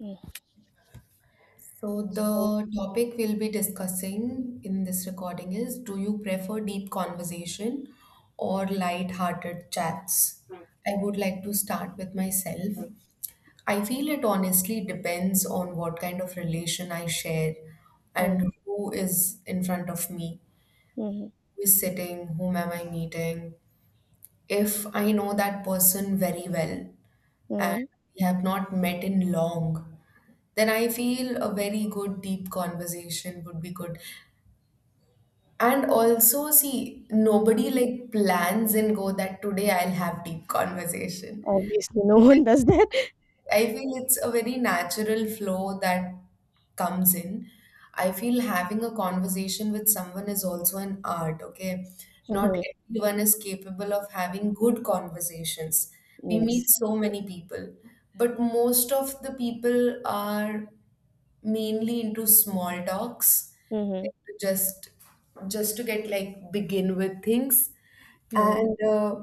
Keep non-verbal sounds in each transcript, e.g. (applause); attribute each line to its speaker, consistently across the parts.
Speaker 1: Mm.
Speaker 2: So
Speaker 1: So
Speaker 2: the topic we'll be discussing in this recording is, do you prefer deep conversation or light-hearted chats? I would like to start with myself. I feel it honestly depends on what kind of relation I share
Speaker 1: Mm,
Speaker 2: and who is in front of me,
Speaker 1: mhm,
Speaker 2: who is sitting, whom am I meeting. If I know that person very well, and
Speaker 1: mhm.
Speaker 2: we have not met in long, then I feel a very good deep conversation would be good. And also, see, nobody like plans and go that today I'll have deep conversation.
Speaker 1: Obviously, no one does that.
Speaker 2: I feel it's a very natural flow that comes in. I feel having a conversation with someone is also an art, okay? Not
Speaker 1: Mhm, (laughs)
Speaker 2: everyone is capable of having good conversations. We
Speaker 1: Yes.
Speaker 2: meet so many people, but most of the people are mainly into small talks,
Speaker 1: Mm-hmm.
Speaker 2: like to just to get like begin with things.
Speaker 1: Mm-hmm.
Speaker 2: And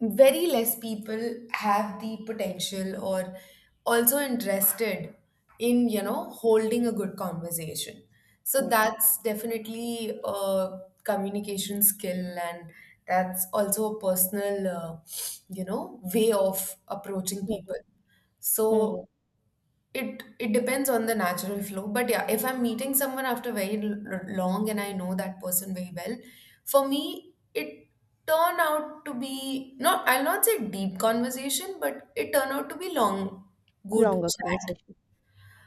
Speaker 2: Very less people have the potential or also interested in holding a good conversation, so
Speaker 1: Yep.
Speaker 2: that's definitely a communication skill, and that's also a personal you know, way of approaching people.
Speaker 1: Mm-hmm.
Speaker 2: So
Speaker 1: Mm-hmm.
Speaker 2: it depends on the natural flow, but yeah, if I'm meeting someone after very long and I know that person very well, for me it turned out to be, not I'll not say deep conversation, but it turned out to be long, good
Speaker 1: Longer
Speaker 2: chat.
Speaker 1: conversation.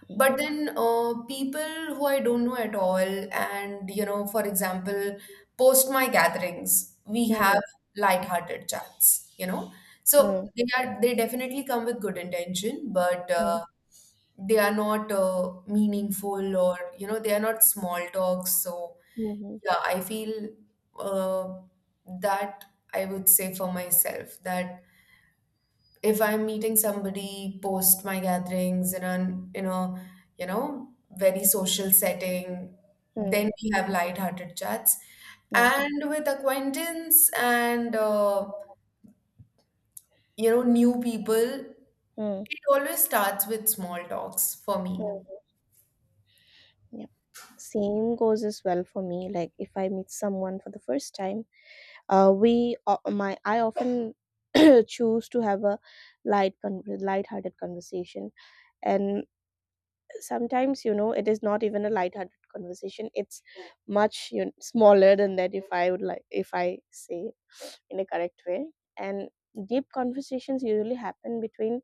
Speaker 1: Mm-hmm.
Speaker 2: But then people who I don't know at all, and you know, for example, post my gatherings, we have
Speaker 1: Mm-hmm.
Speaker 2: light-hearted chats, you know. So they definitely come with good intention, but
Speaker 1: Mm-hmm.
Speaker 2: they are not meaningful, or you know, they are not small talks. So
Speaker 1: Mm-hmm.
Speaker 2: yeah, I feel uh, that I would say for myself that if I'm meeting somebody post my gatherings in an in a you know, very social setting, then we have light-hearted chats.
Speaker 1: Mm,
Speaker 2: And with acquaintance and you know, new people,
Speaker 1: mm,
Speaker 2: it always starts with small talks for me.
Speaker 1: yep. Same goes as well for me. Like if I meet someone for the first time, we my I often (clears throat) choose to have a light-hearted conversation, and sometimes, you know, it is not even a light-hearted conversation, it's much, you know, smaller than that, if I would, like, if I say it in a correct way. And deep conversations usually happen between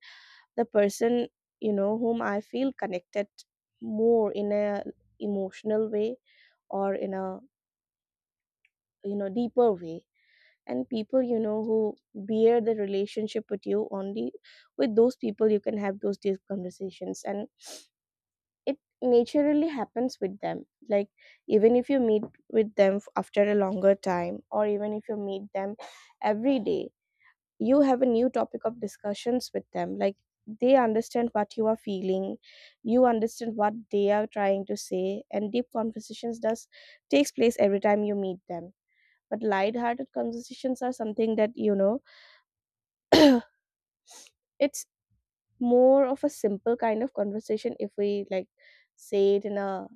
Speaker 1: the person, you know, whom I feel connected more in a emotional way or in a, you know, deeper way. And people, you know, who bear the relationship with you only, with those people you can have those deep conversations, and it naturally happens with them. Like, even if you meet with them after a longer time, or even if you meet them every day, you have a new topic of discussions with them. Like, they understand what you are feeling, you understand what they are trying to say, and deep conversations does takes place every time you meet them. But light-hearted conversations are something that, you know, it's more of a simple kind of conversation, if we, like, say it in a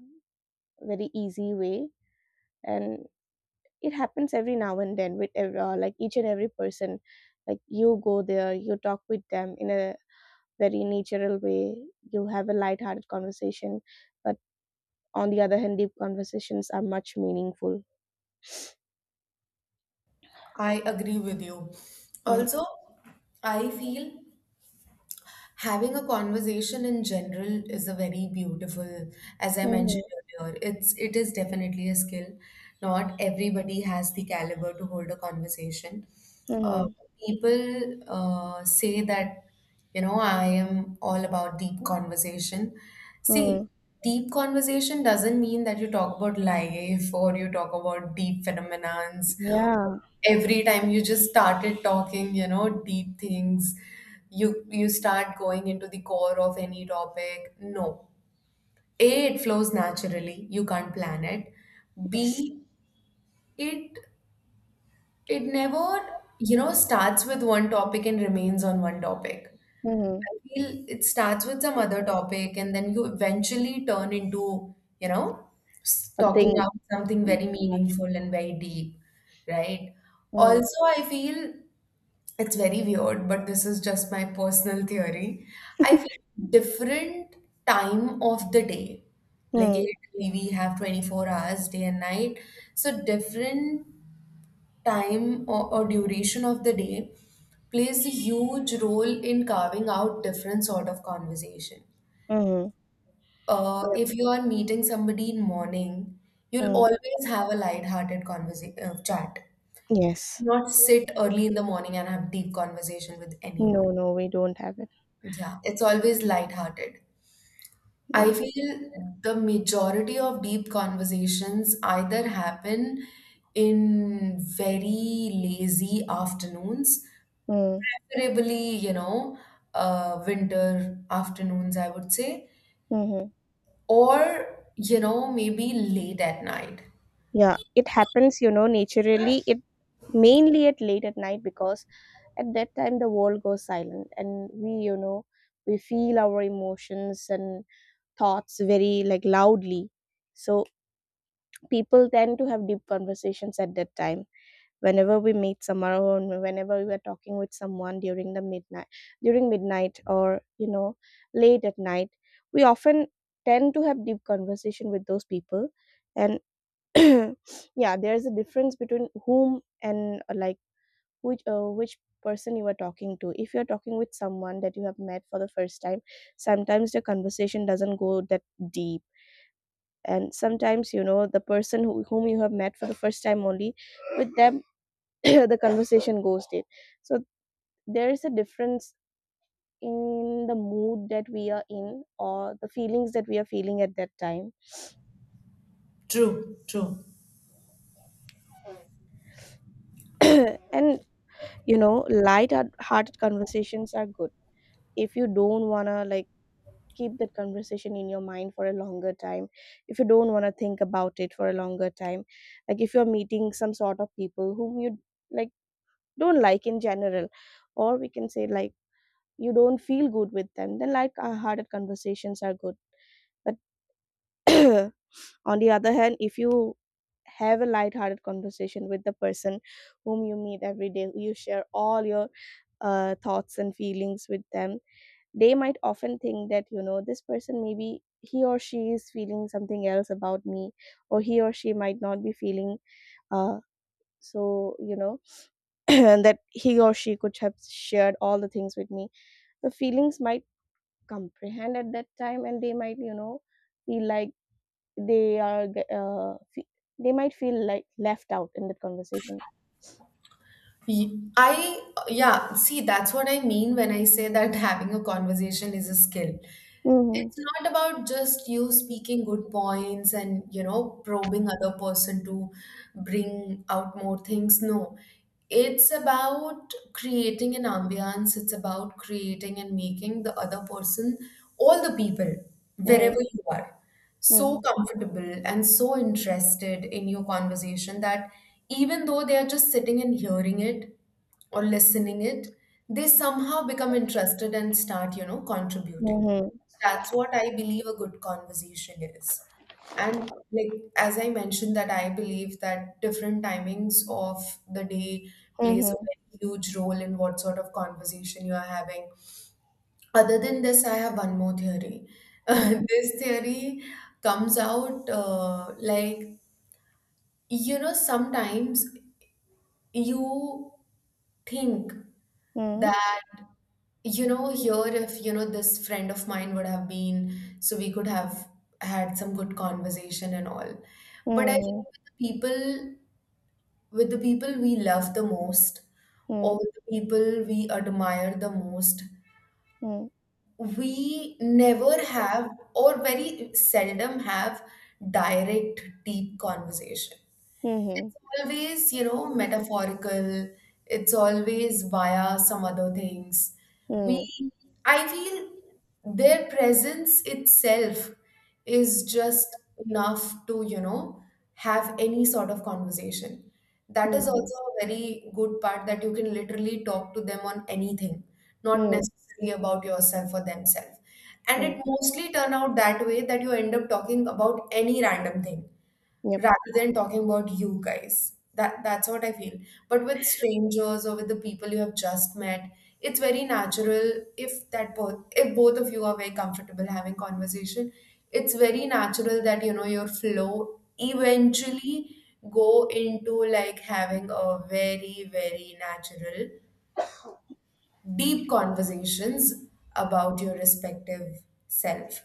Speaker 1: very easy way. And it happens every now and then with like, each and every person. Like, you go there, you talk with them in a very natural way, you have a light-hearted conversation. But on the other hand, deep conversations are much meaningful.
Speaker 2: I agree with you.
Speaker 1: Mm.
Speaker 2: Also, I feel having a conversation in general is a very beautiful, as I mentioned
Speaker 1: Hmm.
Speaker 2: earlier, it is definitely a skill. Not everybody has the caliber to hold a conversation. Uh,
Speaker 1: Hmm.
Speaker 2: People say that, you know, I am all about deep conversation. See,
Speaker 1: Hmm.
Speaker 2: deep conversation doesn't mean that you talk about life or you talk about deep phenomenons
Speaker 1: Yeah.
Speaker 2: every time. You just started talking, you know, deep things. You start going into the core of any topic. No, A, it flows naturally, you can't plan it.
Speaker 1: Yes.
Speaker 2: B, it it never, you know, starts with one topic and remains on one topic.
Speaker 1: Hmm.
Speaker 2: I feel it starts with some other topic and then you eventually turn into, you know, talking
Speaker 1: Something
Speaker 2: out something very
Speaker 1: much.
Speaker 2: meaningful and very deep. Right.
Speaker 1: Mm.
Speaker 2: Also I feel, it's very weird, but this is just my personal theory. I feel different time of the day. Like
Speaker 1: Mm.
Speaker 2: literally we have 24 hours, day and night. So different time or duration of the day plays a huge role in carving out different sort of conversation.
Speaker 1: Mm. Yep.
Speaker 2: If you are meeting somebody in morning, you'll
Speaker 1: Mm.
Speaker 2: always have a light-hearted conversation chat.
Speaker 1: Yes.
Speaker 2: Not sit early in the morning and have deep conversation with anyone.
Speaker 1: No, no, we don't have it.
Speaker 2: Yeah, it's always lighthearted. I
Speaker 1: Yeah.
Speaker 2: feel the majority of deep conversations either happen in very lazy afternoons,
Speaker 1: Mm.
Speaker 2: preferably, you know, winter afternoons, I would say,
Speaker 1: Hmm.
Speaker 2: or, you know, maybe late at night.
Speaker 1: Yeah, it happens, you know, naturally. It mainly at late at night, because at that time the world goes silent and we, you know, we feel our emotions and thoughts very like loudly. So people tend to have deep conversations at that time. Whenever we meet someone, or whenever we are talking with someone during the midnight, during midnight, or, you know, late at night, we often tend to have deep conversation with those people. And (coughs) (clears throat) yeah, there is a difference between whom and, like, which person you are talking to. If you are talking with someone that you have met for the first time, sometimes the conversation doesn't go that deep. And sometimes, you know, the person who, whom you have met for the first time only, with them (coughs) (clears throat) the conversation goes deep. So there is a difference in the mood that we are in, or the feelings that we are feeling at that time.
Speaker 2: True, true.
Speaker 1: (coughs) (clears throat) And, you know, light hearted conversations are good if you don't want to, like, keep that conversation in your mind for a longer time, if you don't want to think about it for a longer time. Like, if you're meeting some sort of people whom you, like, don't like in general, or we can say, like, you don't feel good with them, then, like, harder conversations are good. But (clears throat) on the other hand, if you have a light-hearted conversation with the person whom you meet every day, you share all your thoughts and feelings with them, they might often think that, you know, this person, maybe he or she is feeling something else about me, or he or she might not be feeling uh so, you know, (clears throat) that he or she could have shared all the things with me. The feelings might comprehend at that time, and they might, you know, feel like they are g- fe- they might feel like left out in that conversation.
Speaker 2: Ye- I, yeah, see, that's what I mean when I say that (laughs) having a conversation is a skill.
Speaker 1: Mm-hmm.
Speaker 2: It's not about just you speaking good points and, you know, probing other person to bring out more things. No, it's about creating an ambiance. It's about creating and making the other person, all the people, wherever
Speaker 1: Mm-hmm.
Speaker 2: you are, so
Speaker 1: Mm-hmm.
Speaker 2: comfortable and so interested in your conversation that even though they are just sitting and hearing it or listening it, they somehow become interested and start, you know, contributing. That's what I believe a good conversation is. And like as I mentioned, that I believe that different timings of the day plays a
Speaker 1: Mm-hmm.
Speaker 2: very huge role in what sort of conversation you are having. Other than this, I have one more theory. (laughs)
Speaker 1: Mm-hmm.
Speaker 2: This theory comes out like, you know, sometimes you think
Speaker 1: Mm-hmm.
Speaker 2: that, you know, here if you know this friend of mine would have been, so we could have had some good conversation and all. But I think
Speaker 1: Mm-hmm.
Speaker 2: with the people, we love the most, or with the people we admire the most,
Speaker 1: Mm-hmm.
Speaker 2: we never have or very seldom have direct deep conversation.
Speaker 1: Mm-hmm.
Speaker 2: It's always, you know, metaphorical. It's always via some other things. We,
Speaker 1: Mm,
Speaker 2: I feel their presence itself is just enough to, you know, have any sort of conversation. That is
Speaker 1: mhm,
Speaker 2: also a very good part, that you can literally talk to them on anything, not
Speaker 1: mm,
Speaker 2: necessarily about yourself or themselves. And it
Speaker 1: mm,
Speaker 2: mostly turn out that way, that you end up talking about any random thing
Speaker 1: yep,
Speaker 2: rather than talking about you guys. That's what I feel. But with strangers or with the people you have just met, it's very natural, if that both, if both of you are very comfortable having conversation, it's very natural that you know your flow eventually go into like having a very natural deep conversations about your respective self,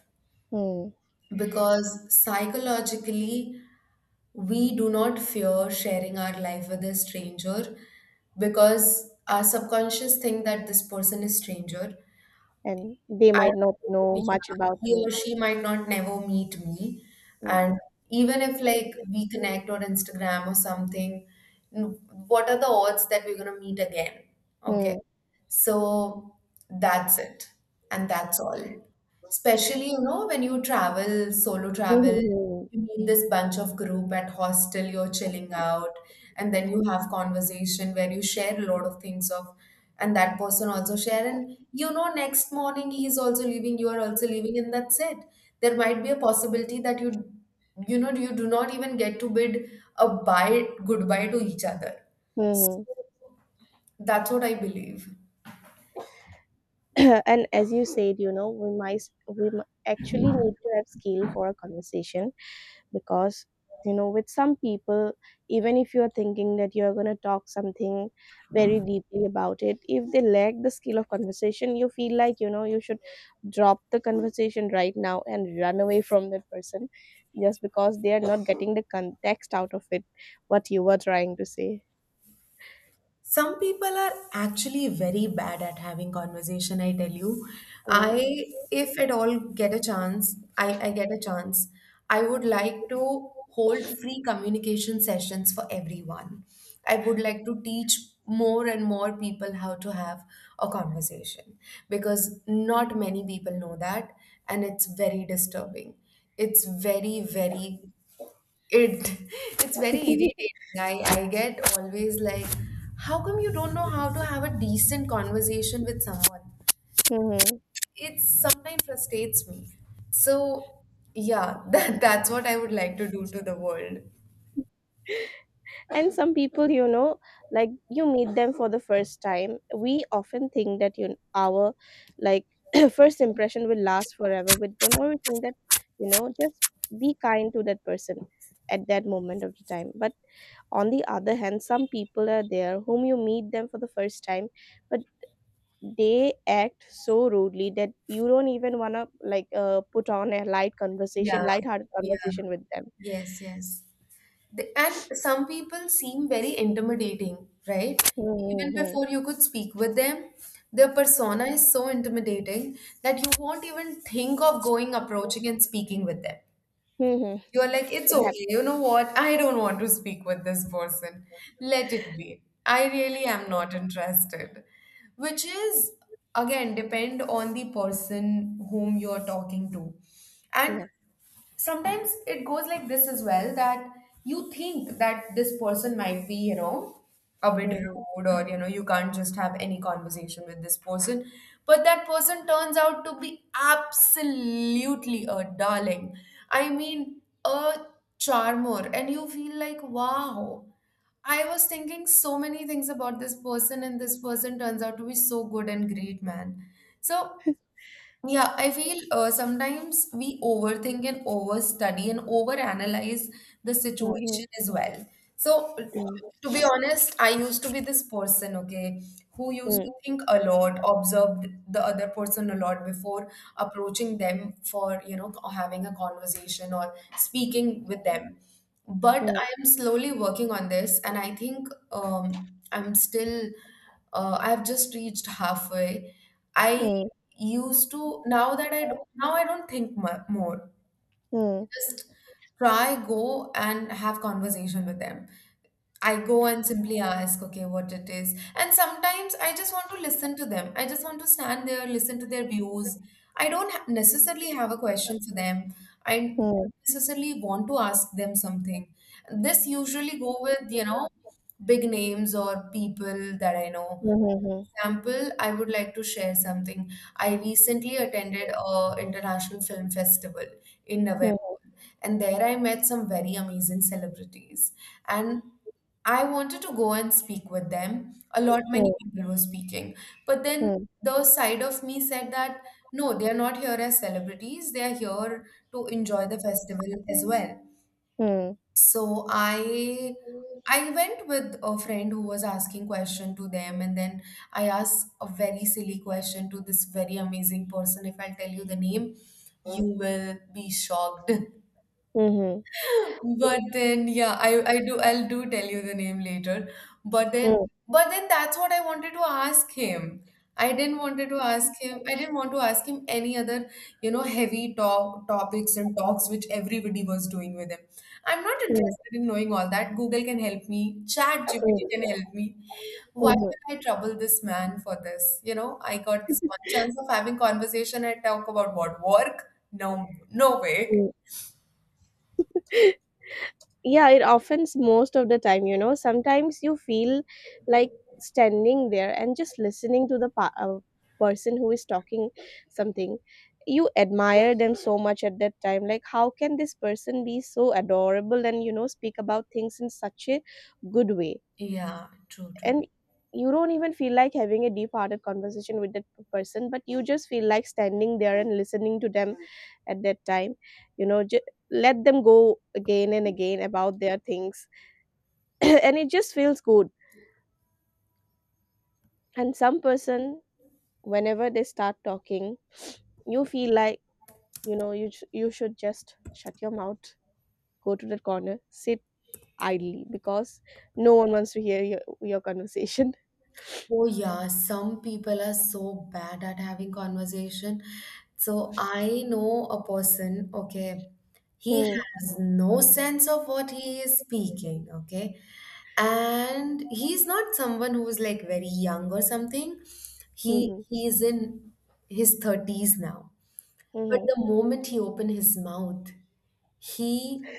Speaker 1: mm,
Speaker 2: because psychologically we do not fear sharing our life with a stranger, because our subconscious think that this person is stranger,
Speaker 1: and they
Speaker 2: and
Speaker 1: might not
Speaker 2: yeah,
Speaker 1: know much about
Speaker 2: he or
Speaker 1: me.
Speaker 2: she might not, never meet me.
Speaker 1: Mm.
Speaker 2: And even if like we connect on Instagram or something, n- what are the odds that we're going to meet again? Okay,
Speaker 1: Mm,
Speaker 2: so that's it. And that's all. Especially, you know, when you travel, solo
Speaker 1: mhm,
Speaker 2: travel,
Speaker 1: mhm,
Speaker 2: you meet this bunch of group at hostel, you're chilling out, and then you have conversation where you share a lot of things of, and that person also share, and you know, next morning he's also leaving, you are also leaving, and that's it. There might be a possibility that you know, you do not even get to bid a bye goodbye to each other.
Speaker 1: mhm.
Speaker 2: That's what I believe.
Speaker 1: (coughs) (clears throat) And as you said, you know, we might, actually need to have skill for a conversation, because, you know, with some people, even if you're thinking that you're going to talk something very deeply about it, if they lack the skill of conversation, you feel like, you know, you should drop the conversation right now and run away from that person, just because they are not getting the context out of it, what you were trying to say.
Speaker 2: Some people are actually very bad at having conversation, I tell you.
Speaker 1: Mm-hmm.
Speaker 2: If at all get a chance, I get a chance, I would like to hold free communication sessions for everyone. I would like to teach more and more people how to have a conversation, because not many people know that, and it's very disturbing. It's very, very it (laughs) it's very irritating. I get always like, how come you don't know how to have a decent conversation with someone?
Speaker 1: (laughs)
Speaker 2: It sometimes frustrates me. So yeah, (laughs) that's what I would like to do to the world.
Speaker 1: And some people, you know, like, you meet them for the first time, we often think that you our like, (clears throat) first impression will last forever with them, or we think that, you know, just be kind to that person at that moment of the time. But on the other hand, some people are there whom you meet them for the first time, but they act so rudely that you don't even want to, like, put on a
Speaker 2: Yeah,
Speaker 1: light-hearted
Speaker 2: yeah,
Speaker 1: conversation with them.
Speaker 2: yes, yes. And some people seem very intimidating, right? Even
Speaker 1: Mm-hmm.
Speaker 2: before you could speak with them, their persona is so intimidating that you won't even think of going, approaching, and speaking with them.
Speaker 1: Mm-hmm.
Speaker 2: You're like, it's
Speaker 1: It happens.
Speaker 2: okay. You know what? I don't want to speak with this person. Let it be. I really am not interested. Which is, again, depend on the person whom you're talking to. And
Speaker 1: Yep.
Speaker 2: sometimes it goes like this as well, that you think that this person might be, you know, a bit
Speaker 1: Mhm.
Speaker 2: rude, or you know, you can't just have any conversation with this person, but that person turns out to be absolutely a darling. I mean, a charmer, and you feel like, wow, I was thinking so many things about this person, and this person turns out to be so good and great man. So yeah, I feel sometimes we overthink and overstudy and overanalyze the
Speaker 1: Mhm.
Speaker 2: situation as well. So,
Speaker 1: Mm.
Speaker 2: to be honest, I used to be this person, okay, who used to
Speaker 1: Mm.
Speaker 2: think a lot, observed the other person a lot before approaching them for, you know, having a conversation or speaking with them. But I am slowly working on this, and I think I'm still, I've just reached halfway. I
Speaker 1: Mm.
Speaker 2: used to, now I don't think more.
Speaker 1: Mm.
Speaker 2: Just try, go and have conversation with them. I go and simply ask, okay, what it is. And sometimes I just want to listen to them. I just want to stand there, listen to their views. I don't necessarily have a question for them. I don't
Speaker 1: Mm.
Speaker 2: necessarily want to ask them something. This usually go with, you know, big names or people that I know.
Speaker 1: Mm.
Speaker 2: Example, I would like to share something. I recently attended a international film festival in November,
Speaker 1: Mhm.
Speaker 2: and there I met some very amazing celebrities. And I wanted to go and speak with them. A lot
Speaker 1: Mhm.
Speaker 2: many
Speaker 1: Mm.
Speaker 2: people were speaking, but then
Speaker 1: Mm.
Speaker 2: the side of me said that no, they are not here as celebrities. They are here to enjoy the festival as well.
Speaker 1: Mm.
Speaker 2: So I went with a friend who was asking question to them, and then I asked a very silly question to this very amazing person. If I tell you the name, you will be shocked. (laughs)
Speaker 1: Mhm.
Speaker 2: But then, yeah, I'll do tell you the name later. But then
Speaker 1: Mm.
Speaker 2: but then that's what I wanted to ask him. I didn't want to ask him any other, heavy talk topics and talks which everybody was doing with him. I'm not
Speaker 1: Mm.
Speaker 2: interested in knowing all that. Google can help me, Chat GPT can
Speaker 1: Mm.
Speaker 2: help me. Why
Speaker 1: Mhm.
Speaker 2: would I trouble this man for this? You know, I got this one chance of having conversation. I talk about what work? No, no way.
Speaker 1: Mm. Yeah, it offends most of the time, you know. Sometimes you feel like standing there and just listening to the person who is talking something. You admire them so much at that time, like, how can this person be so adorable, and, you know, speak about things in such a good way.
Speaker 2: Yeah, true, true.
Speaker 1: And you don't even feel like having a deep hearted conversation with that person, but you just feel like standing there and listening to them at that time, you know, let them go again and again about their things. (clears throat) And it just feels good. And some person, whenever they start talking, (sniffs) you feel like, you know, you should just shut your mouth, go to the corner, sit idly, because no one wants to hear your conversation.
Speaker 2: Oh yeah, some people are so bad at having conversation. So I know a person, okay,
Speaker 1: (laughs)
Speaker 2: he
Speaker 1: Mm-hmm.
Speaker 2: has no sense of what he is speaking, okay? And he's not someone who's like very young or something. He is in his 30s now. But
Speaker 1: Mm-hmm.
Speaker 2: the moment he opens his mouth, he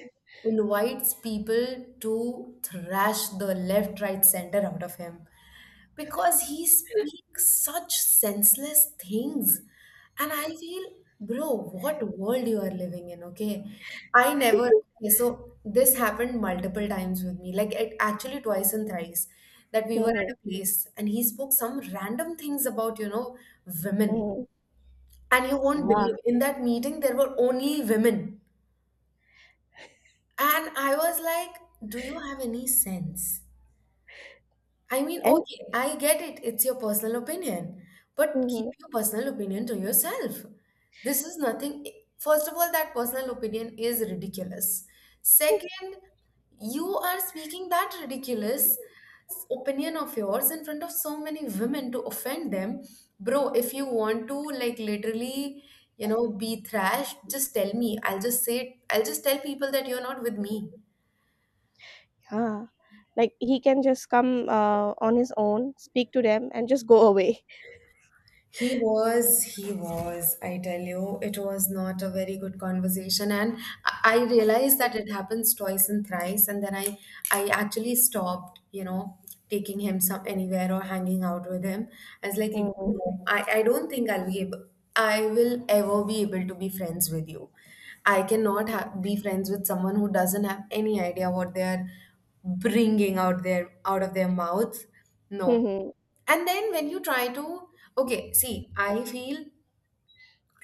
Speaker 2: invites people to thrash the left, right, center out of him because he speaks such senseless things. And I feel, bro, what world you are living in, okay? I never okay, so this happened multiple times with me, like it actually twice and thrice, that we were
Speaker 1: Mm-hmm.
Speaker 2: at a place and he spoke some random things about, you know, women.
Speaker 1: Mm-hmm.
Speaker 2: And you won't believe,
Speaker 1: Yeah,
Speaker 2: in that meeting there were only women. And I was like, do you have any sense? I mean,
Speaker 1: and
Speaker 2: okay, I get it, it's your personal opinion, but keep
Speaker 1: mhm,
Speaker 2: your personal opinion to yourself. This is nothing. First of all, that personal opinion is ridiculous. Second, you are speaking that ridiculous opinion of yours in front of so many women to offend them. Bro, if you want to, like, literally, you know, be thrashed, just tell me. I'll just tell people that you're not with me.
Speaker 1: yeah, like, he can just come on his own, speak to them, and just go away.
Speaker 2: I tell you, it was not a very good conversation. And I realized that it happens twice and thrice. And then I actually stopped, you know, taking him some anywhere or hanging out with him. I was like,
Speaker 1: Mhm,
Speaker 2: no, I don't think I will ever be able to be friends with you. I cannot be friends with someone who doesn't have any idea what they are bringing out of their mouth. No.
Speaker 1: mhm,
Speaker 2: And then when you try to, okay, see, I feel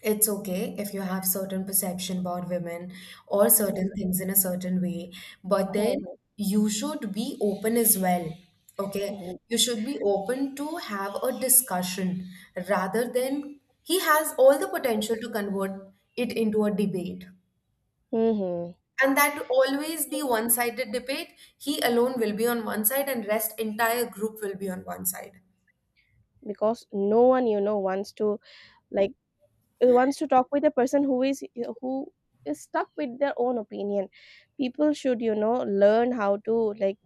Speaker 2: it's okay if you have certain perception about women or certain
Speaker 1: yeah,
Speaker 2: things in a certain way, but
Speaker 1: mhm,
Speaker 2: then you should be open as well. Okay,
Speaker 1: mhm,
Speaker 2: you should be open to have a discussion rather than he has all the potential to convert it into a debate.
Speaker 1: mhm.
Speaker 2: And that always be one-sided debate. He alone will be on one side and rest entire group will be on one side.
Speaker 1: Because no one, you know, wants to, like, wants to talk with a person who is, who is stuck with their own opinion. People should, you know, learn how to, like,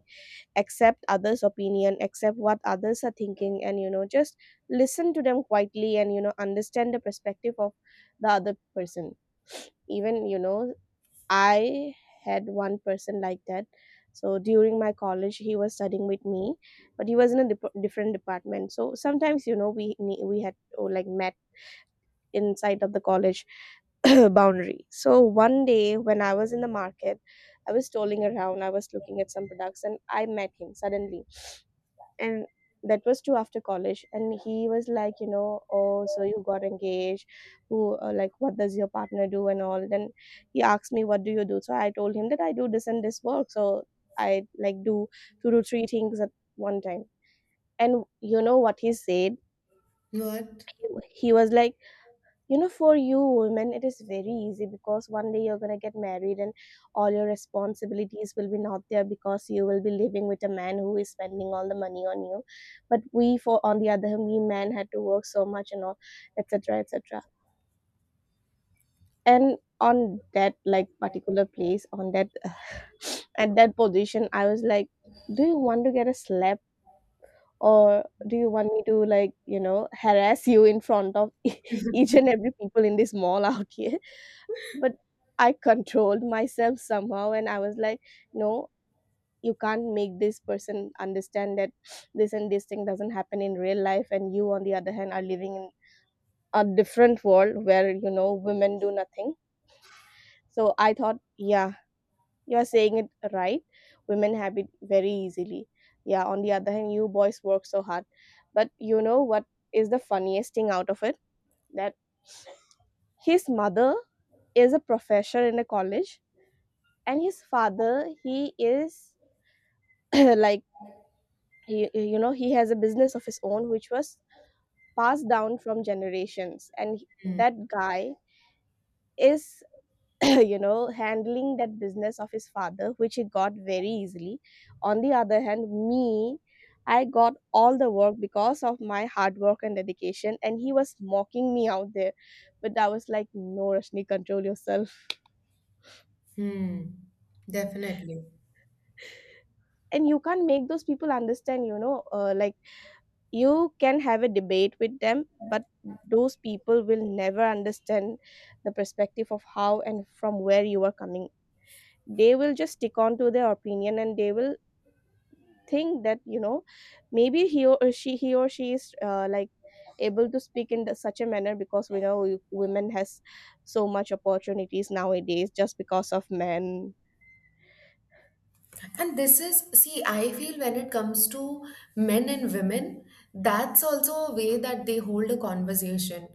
Speaker 1: accept others opinion, accept what others are thinking, and, you know, just listen to them quietly, and, you know, understand the perspective of the other person. Even, you know, I had one person like that. So during my college he was studying with me, but he was in a different department, so sometimes, you know, we had, oh, like, met inside of the college (coughs) (clears throat) boundary. So one day, when I was in the market, I was strolling around, I was looking at some products, and I met him suddenly. And that was too after college, and he was like, you know, oh, so you got engaged, who, like, what does your partner do and all. Then he asked me, what do you do? So I told him that I do this and this work, so I, like, do two to three things at one time. And you know what he said?
Speaker 2: What?
Speaker 1: he, he was like, you know, for you women it is very easy, because one day you're going to get married, and all your responsibilities will be not there, because you will be living with a man who is spending all the money on you. But we, for on the other hand, we men had to work so much and all, etc, etc. And on that, like, particular place, on that, (sighs) at that position, I was like, do you want to get a slap? Or do you want me to, like, you know, harass you in front of (laughs) each and every people in this mall out here? But I controlled myself somehow, and I was like, no, you can't make this person understand that this and this thing doesn't happen in real life, and you on the other hand are living in a different world where, you know, women do nothing. So I thought, yeah, you're saying it right, women have it very easily, yeah, on the other hand you boys work so hard. But you know what is the funniest thing out of it? That his mother is a professor in a college, and his father, he is (clears throat) like, he, you know, he has a business of his own, which was passed down from generations, and that guy is (clears throat) you know, handling that business of his father, which he got very easily. On the other hand, me, I got all the work because of my hard work and dedication, and he was mocking me out there. But I was like, no, Rashni, control yourself.
Speaker 2: Hmm, definitely.
Speaker 1: And you can't make those people understand, you know, like, you can have a debate with them, but those people will never understand the perspective of how and from where you are coming. They will just stick on to their opinion, and they will think that, you know, maybe he or she, he or she is, like, able to speak in the, such a manner, because we know, women has so much opportunities nowadays just because of men.
Speaker 2: And this is, see, I feel when it comes to men and women, that's also a way that they hold a conversation.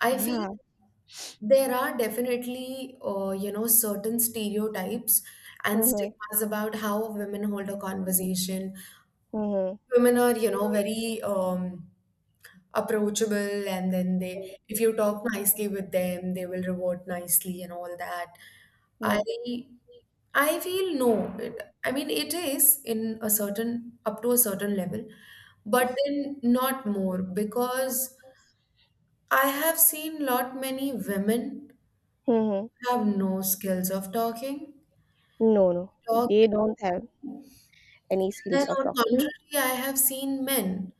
Speaker 2: I feel
Speaker 1: Yeah.
Speaker 2: there are definitely, you know, certain stereotypes and
Speaker 1: Mm-hmm,
Speaker 2: stigmas about how women hold a conversation.
Speaker 1: mm-hmm,
Speaker 2: Women are, you know, very, approachable, and then, they if you talk nicely with them, they will reward nicely and all that. i
Speaker 1: mm-hmm.
Speaker 2: i feel no, I mean it is in a certain, up to a certain level, but then not more, because I have seen lot many women
Speaker 1: Mm-hmm.
Speaker 2: have no skills of talking
Speaker 1: No, no,
Speaker 2: talk.
Speaker 1: they don't have any
Speaker 2: Then,
Speaker 1: skills of
Speaker 2: on
Speaker 1: talking.
Speaker 2: contrary, I have seen men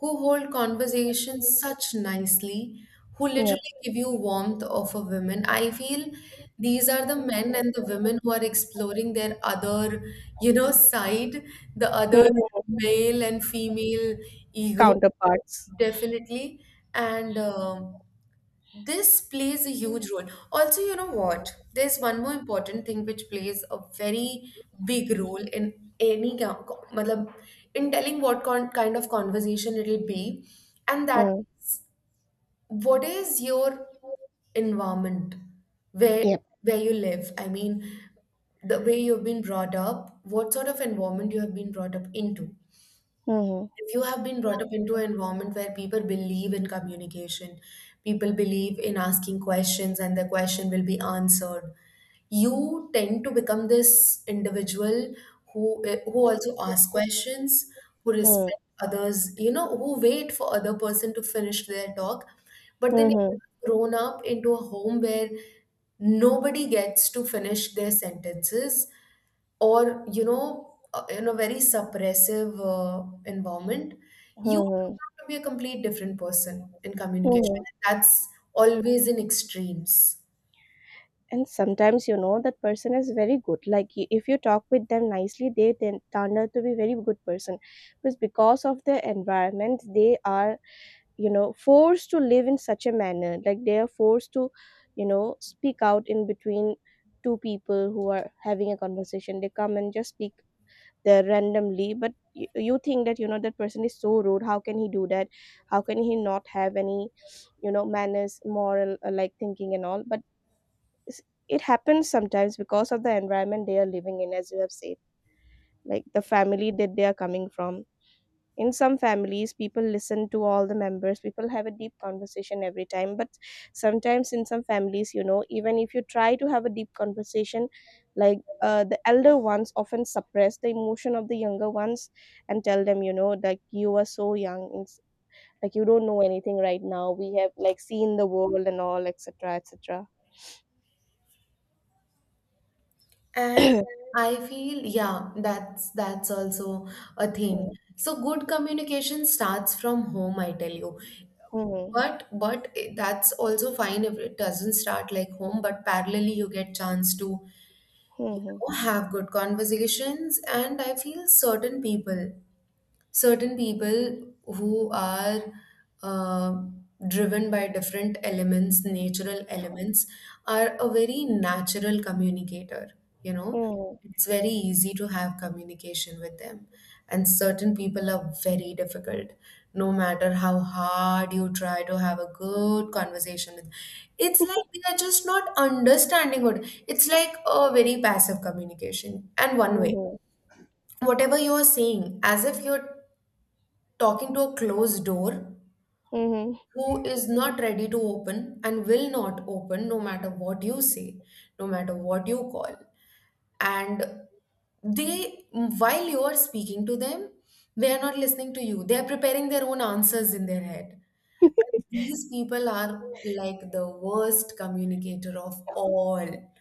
Speaker 2: who hold conversations such nicely, who
Speaker 1: Yep.
Speaker 2: literally give you warmth of a woman. I feel these are the men and the women who are exploring their other, you know, side, the other
Speaker 1: Mhm.
Speaker 2: male and female ego,
Speaker 1: Counterparts.
Speaker 2: definitely. And this plays a huge role. Also, you know what? There's one more important thing which plays a very big role in any matlab, in telling what kind of conversation it'll be, and that
Speaker 1: Mm.
Speaker 2: what is your environment,
Speaker 1: Yep.
Speaker 2: where you live. I mean, the way you've been brought up, what sort of environment you have been brought up into.
Speaker 1: Mhm,
Speaker 2: If you have been brought up into an environment where people believe in communication, people believe in asking questions and the question will be answered, you tend to become this individual who also asks questions, who
Speaker 1: mm,
Speaker 2: respect others, you know, who wait for other person to finish their talk. But then if
Speaker 1: mhm,
Speaker 2: you've grown up into a home where nobody gets to finish their sentences, or in a very suppressive environment, you turn
Speaker 1: mhm,
Speaker 2: out to be a complete different person in communication.
Speaker 1: mhm.
Speaker 2: That's always in extremes.
Speaker 1: And sometimes, you know, that person is very good. Like, if you talk with them nicely, they then turn out to be very good person. Because of the environment, they are, you know, forced to live in such a manner. Like, they are forced to, you know, speak out in between two people who are having a conversation. They come and just speak there randomly. But you think that, you know, that person is so rude, how can he do that, how can he not have any, you know, manners, moral, like, thinking and all. But s- it happens sometimes because of the environment they are living in, as you have said, like the family that they are coming from. In some families, people listen to all the members, people have a deep conversation every time. But sometimes, in some families, you know, even if you try to have a deep conversation, like, the elder ones often suppress the emotion of the younger ones, and tell them, you know, like, you are so young, it's like you don't know anything right now, we have, like, seen the world and all, etc, etc.
Speaker 2: and
Speaker 1: (clears throat)
Speaker 2: i feel, yeah, that's also a thing. So good communication starts from home, I tell you.
Speaker 1: Mhm,
Speaker 2: But that's also fine if it doesn't start like home, but parallelly you get chance to, you
Speaker 1: mhm,
Speaker 2: know, have good conversations. And I feel certain people who are uh, driven by different elements, natural elements, are a very natural communicator. You know,
Speaker 1: mhm,
Speaker 2: it's very easy to have communication with them. And certain people are very difficult. No matter how hard you try to have a good conversation with, it's like they are just not understanding what. It's like a very passive communication and one
Speaker 1: mhm,
Speaker 2: way,
Speaker 1: mhm,
Speaker 2: whatever you are saying, as if you're talking to a closed door
Speaker 1: mhm.
Speaker 2: who is not ready to open and will not open no matter what you say, no matter what you call. And they, while you are speaking to them, they are not listening to you. They are preparing their own answers in their head. And these people are like the worst communicator of all,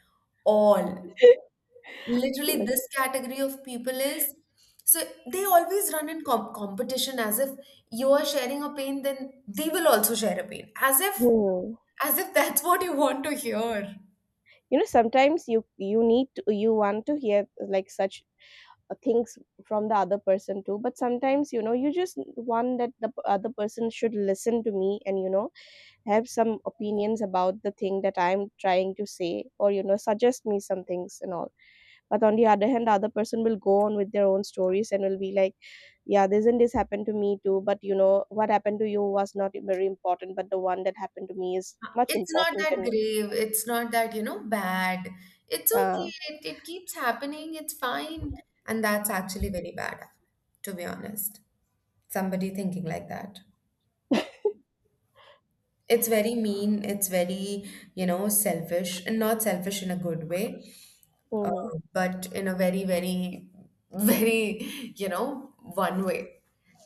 Speaker 2: all.
Speaker 1: (coughs) (laughs)
Speaker 2: Literally
Speaker 1: Like,
Speaker 2: this category of people is so, they always run in competition, as if you are sharing a pain then they will also share a pain,
Speaker 1: hmm.
Speaker 2: as if that's what you want to hear.
Speaker 1: You know, sometimes you, you need to, you want to hear, like, such things from the other person too. But sometimes, you know, you just want that the other person should listen to me, and, you know, have some opinions about the thing that I'm trying to say, or, you know, suggest me some things and all. But on the other hand, the other person will go on with their own stories, and will be like, yeah, this and this happened to me too, but you know what happened to you was not very important, but the one that happened to me is much
Speaker 2: It's not
Speaker 1: important
Speaker 2: that
Speaker 1: than.
Speaker 2: grave, it's not that, you know, bad.
Speaker 1: uh,
Speaker 2: It keeps happening, it's fine. And that's actually very bad, to be honest, somebody thinking like that. It's very mean, it's very, you know, selfish, and not selfish in a good way. uh,
Speaker 1: mm-hmm.
Speaker 2: but in a very, very, (laughs) very, you know, one way.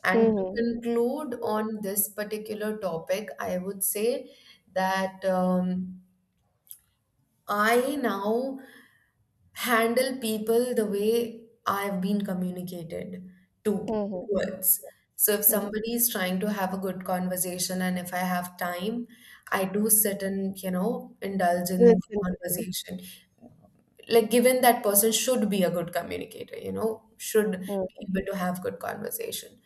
Speaker 2: And to
Speaker 1: Mm-hmm."
Speaker 2: conclude on this particular topic, I would say that I now handle people the way I've been communicated to
Speaker 1: Mhm,
Speaker 2: towards. So if
Speaker 1: mhm.
Speaker 2: somebody is trying to have a good conversation and if I have time, I do sit and, you know, indulge in the
Speaker 1: Listen to them.
Speaker 2: conversation, like given that person should be a good communicator, you know, should be
Speaker 1: Mm,
Speaker 2: able to have good conversation.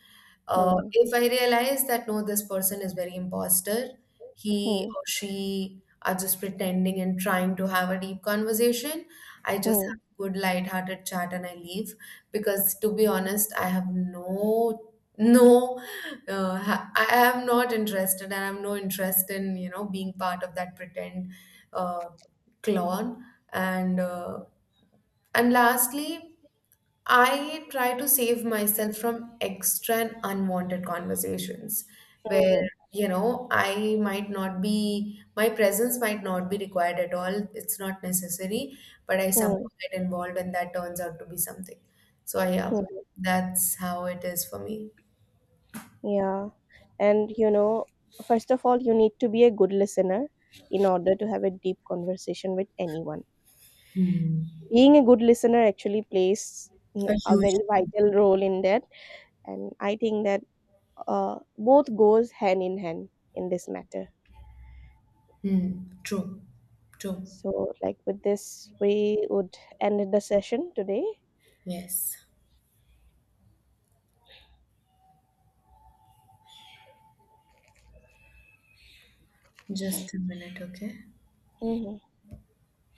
Speaker 2: uh,
Speaker 1: mhm,
Speaker 2: if i realize that no, this person is very imposter, he
Speaker 1: mm,
Speaker 2: or she are just pretending and trying to have a deep conversation, I just have
Speaker 1: mm,
Speaker 2: a good light-hearted chat and I leave, because to be honest I have no, I am not interested and I have no interest in, you know, being part of that pretend uh, clone. and uh, and lastly, I try to save myself from extra and unwanted conversations where,
Speaker 1: mhm,
Speaker 2: you know, I might not be my presence might not be required at all, it's not necessary, but I
Speaker 1: mm,
Speaker 2: somehow get involved and that turns out to be something. So yeah,
Speaker 1: mhm.
Speaker 2: that's how it is for me.
Speaker 1: Yeah. And, you know, first of all, you need to be a good listener in order to have a deep conversation with anyone.
Speaker 2: Hmm.
Speaker 1: Being a good listener actually plays, mm,
Speaker 2: A
Speaker 1: a
Speaker 2: huge.
Speaker 1: very vital role in that, and I think that, both goes hand in hand in this matter.
Speaker 2: Hmm. True, true.
Speaker 1: So, like, with this, we would end the session today.
Speaker 2: Yes, just a minute, okay.
Speaker 1: Mhm.